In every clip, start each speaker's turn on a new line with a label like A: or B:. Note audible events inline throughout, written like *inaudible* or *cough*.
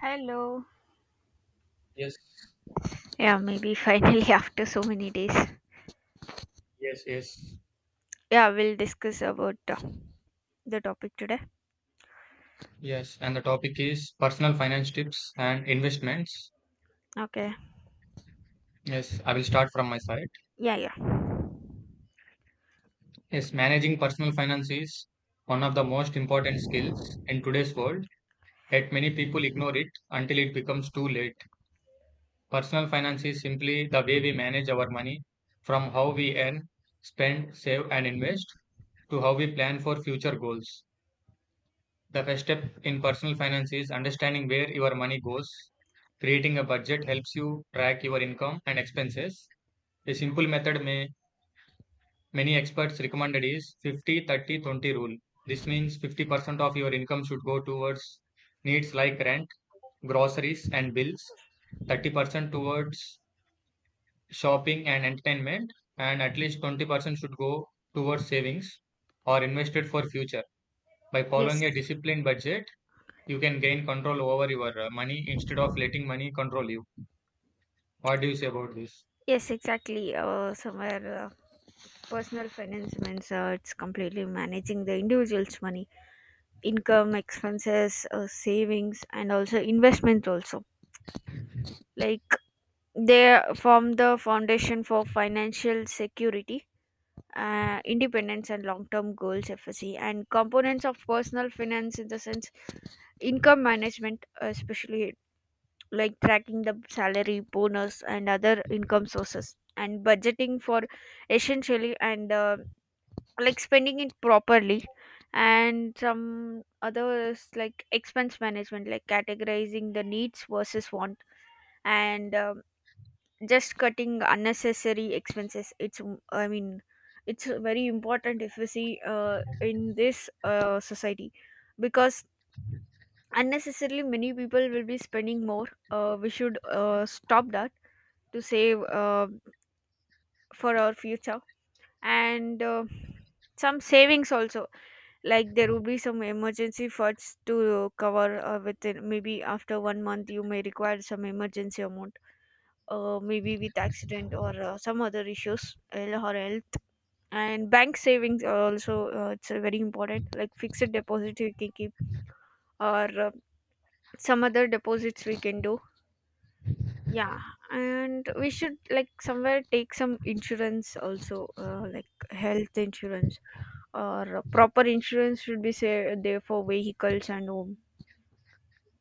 A: Hello.
B: Yes,
A: Yeah, maybe finally *laughs* after so many days.
B: yes, yes,
A: Yeah, we'll discuss about the topic today.
B: yes. And the topic is personal finance tips and investments.
A: Okay.
B: Yes, I will start from my side.
A: Yeah, yeah.
B: Yes, managing personal finance is one of the most important skills in today's world, yet many people ignore it until it becomes too late. Personal finance is simply the way we manage our money from how we earn, spend, save, and invest to how we plan for future goals. The first step in personal finance is understanding where your money goes. Creating a budget helps you track your income and expenses. A simple method may many experts recommended is 50 30 20 rule. This means 50% of your income should go towards needs like rent, groceries and bills, 30% towards shopping and entertainment, and at least 20% should go towards savings or invested for future. By following a
A: Yes.
B: disciplined budget, you can gain control over your money instead of letting money control you. What do you say about this?
A: Yes, exactly. Somewhere personal finance means it's completely managing the individual's money, income, expenses, savings, and also investment. Also, like they form the foundation for financial security, independence, and long-term goals. FSC and components of personal finance in the sense income management, especially like tracking the salary, bonus, and other income sources, and budgeting for essentially and like spending it properly, and some others like expense management, like categorizing the needs versus want, and just cutting unnecessary expenses. It's very important if we see in this society because unnecessarily many people will be spending more, we should stop that to save, for our future, and some savings also. Like, there will be some emergency funds to cover, within maybe after 1 month you may require some emergency amount, maybe with accident or some other issues, health or health. And bank savings are also, it's very important, like fixed deposit we can keep, or some other deposits we can do. Yeah. And we should like somewhere take some insurance also, like health insurance or proper insurance should be say there for vehicles and home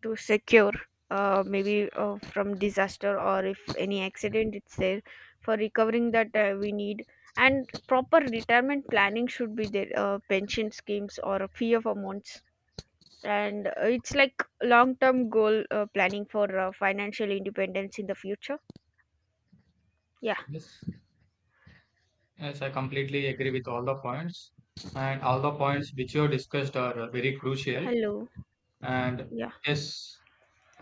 A: to secure, maybe from disaster, or if any accident it's there, for recovering that we need. And proper retirement planning should be there, pension schemes or fee of amounts. And it's like long term goal, planning for financial independence in the future. Yeah.
B: Yes, yes, I completely agree with all the points, and all the points which you have discussed are very crucial.
A: Hello.
B: And
A: Yeah.
B: yes,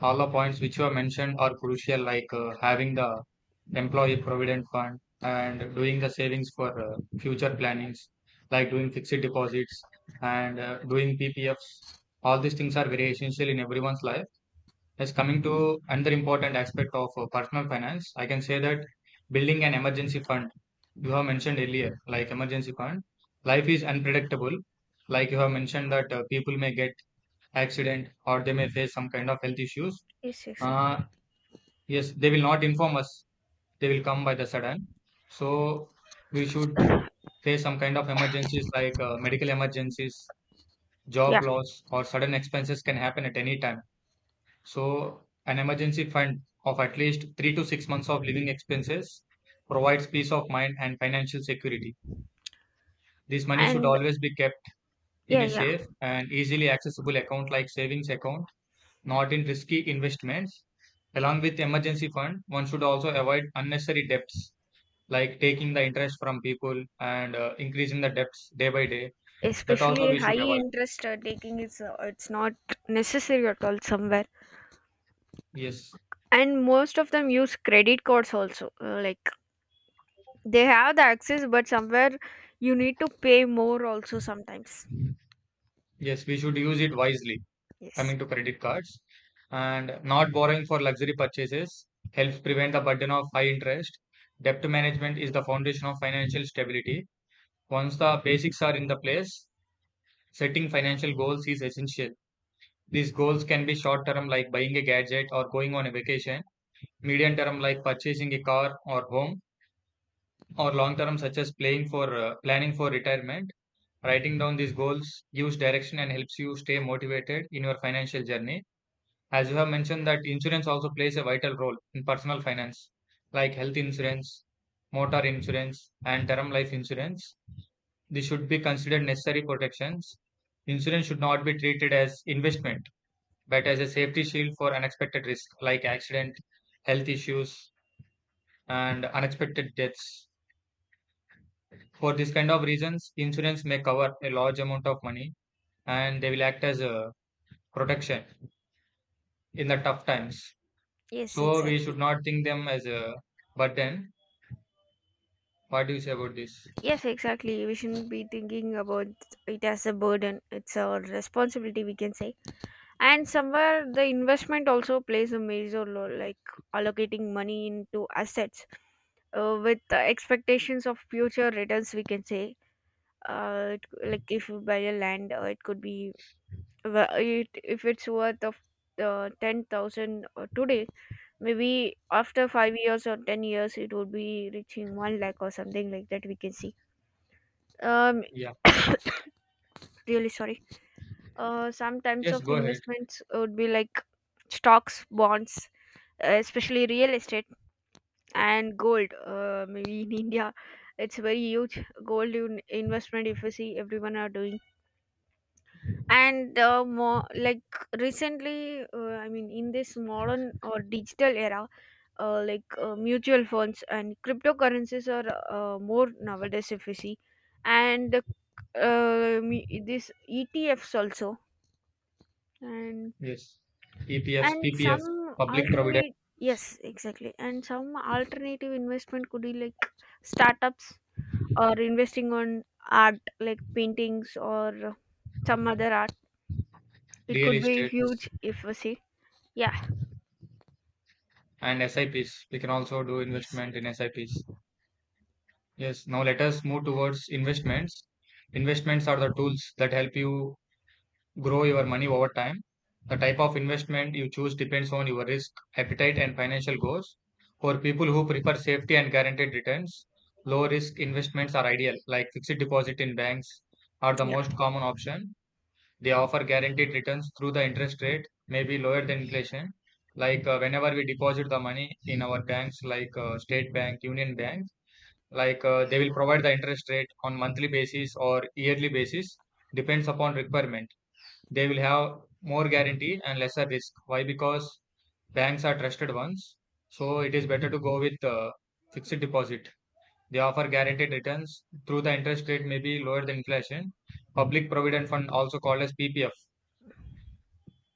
B: all the points which you have mentioned are crucial, like having the employee provident fund and doing the savings for future plannings, like doing fixed deposits and doing PPFs. All these things are very essential in everyone's life. Yes, coming to another important aspect of personal finance, I can say that building an emergency fund, you have mentioned earlier, like emergency fund, life is unpredictable. Like you have mentioned that people may get accident or they may face some kind of health issues.
A: Yes, exactly.
B: Uh, yes, they will not inform us. They will come by the sudden. So we should face some kind of emergencies like medical emergencies,
A: Yeah.
B: job loss, or sudden expenses can happen at any time, so an emergency fund of at least 3 to 6 months of living expenses provides peace of mind and financial security. This money should
A: And
B: always be kept in
A: yeah,
B: a
A: yeah.
B: safe and easily accessible account like savings account, not in risky investments. Along with emergency fund, one should also avoid unnecessary debts like taking the interest from people and increasing the debts day by day. That also
A: Especially
B: we
A: high
B: should avoid.
A: interest taking is it's not necessary at all somewhere.
B: Yes,
A: And most of them use credit cards also. Like, they have the access, but somewhere you need to pay more also sometimes.
B: yes, we should use it wisely.
A: Yes.
B: Coming to credit cards and not borrowing for luxury purchases helps prevent the burden of high interest. Debt management is the foundation of financial stability. Once the basics are in the place, setting financial goals is essential. These goals can be short term like buying a gadget or going on a vacation, medium term like purchasing a car or home, or long term such as playing for planning for retirement. Writing down these goals gives direction and helps you stay motivated in your financial journey. As you have mentioned that insurance also plays a vital role in personal finance, like health insurance, motor insurance, and term life insurance. They should be considered necessary protections. Insurance should not be treated as investment, but as a safety shield for unexpected risk like accident, health issues, and unexpected deaths. For this kind of reasons, insurance may cover a large amount of money and they will act as a protection in the tough times.
A: Yes,
B: So we should
A: exactly.
B: not think them as a burden. What do you say about this?
A: Yes, exactly. We shouldn't be thinking about it as a burden. It's a responsibility, we can say. And somewhere the investment also plays a major role, like allocating money into assets with the expectations of future returns. We can say, like if you buy a land, it could be if it's worth of 10,000 today, maybe after 5 years or 10 years, it would be reaching one lakh or something like that, we can see. Um,
B: Yeah.
A: really sorry. Some types
B: Yes,
A: of
B: go ahead.
A: investments would be like stocks, bonds, especially real estate and gold, maybe in India it's very huge. Investment, if you see, everyone are doing. And more like recently, I mean, in this modern or digital era, like mutual funds and cryptocurrencies are more nowadays if you see. And this ETFs also. and
B: Yes. EPFs,
A: and some
B: PPFs, public provident
A: alternate,
B: funds,
A: yes, exactly, and some alternative investment could be like startups, or investing on art like paintings or some other art. It
B: real
A: could be
B: estates,
A: huge if we see. Yeah.
B: and SIPs. We can also do
A: Yes.
B: investment in SIPs. Yes. Now let us move towards investments. Investments are the tools that help you grow your money over time. The type of investment you choose depends on your risk, appetite, and financial goals. For people who prefer safety and guaranteed returns, low risk investments are ideal, like fixed deposit in banks are the
A: Yeah,
B: most common option. They offer guaranteed returns through the interest rate, maybe lower than inflation. Like whenever we deposit the money in our banks, like State Bank, Union Bank, like they will provide the interest rate on monthly basis or yearly basis, depends upon requirement. They will have more guarantee and lesser risk. Why? Because banks are trusted ones, so it is better to go with fixed deposit. They offer guaranteed returns through the interest rate, maybe lower than inflation. Public Provident Fund, also called as PPF.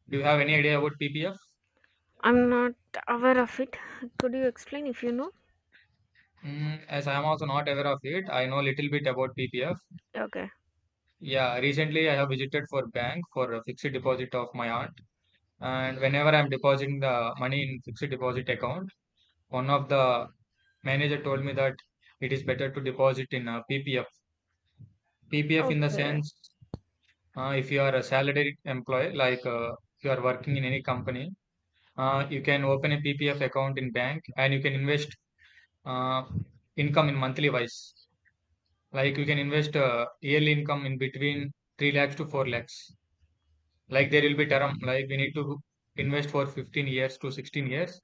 B: Do you have any idea about PPF?
A: I'm not aware of it. Could you explain if you know?
B: As I am also not aware of it, I know a little bit about PPF.
A: Okay.
B: Yeah, recently I have visited for bank for a fixed deposit of my aunt, and whenever I'm depositing the money in fixed deposit account, one of the manager told me that it is better to deposit in a PPF. PPF in the
A: Okay.
B: sense, if you are a salaried employee, like if you are working in any company, you can open a PPF account in bank and you can invest uh, income in monthly wise. Like you can invest yearly income in between 3 lakhs to 4 lakhs. Like there will be term, like we need to invest for 15 years to 16 years.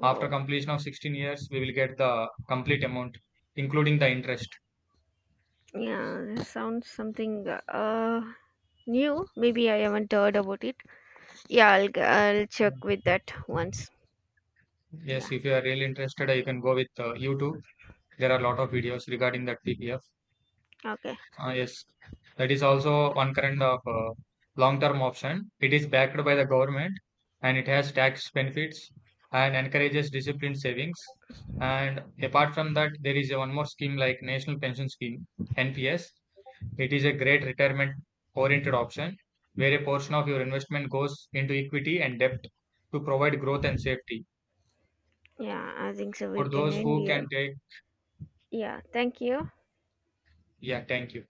B: After completion of 16 years, we will get the complete amount, including the interest.
A: yeah, this sounds something new, maybe I haven't heard about it. Yeah, I'll
B: Yeah.
A: check with that once.
B: Yes,
A: Yeah.
B: if you are really interested, you can go with YouTube. There are a lot of videos regarding that PPF.
A: Okay.
B: Ah, yes, that is also one kind of long-term option. It is backed by the government and it has tax benefits and encourages disciplined savings. And apart from that, there is a one more scheme like National Pension Scheme (NPS). It is a great retirement-oriented option where a portion of your investment goes into equity and debt to provide growth and safety
A: Yeah, I think so, we
B: for
A: can
B: those
A: end
B: who can
A: here.
B: take.
A: Yeah, thank you.
B: Yeah, thank you.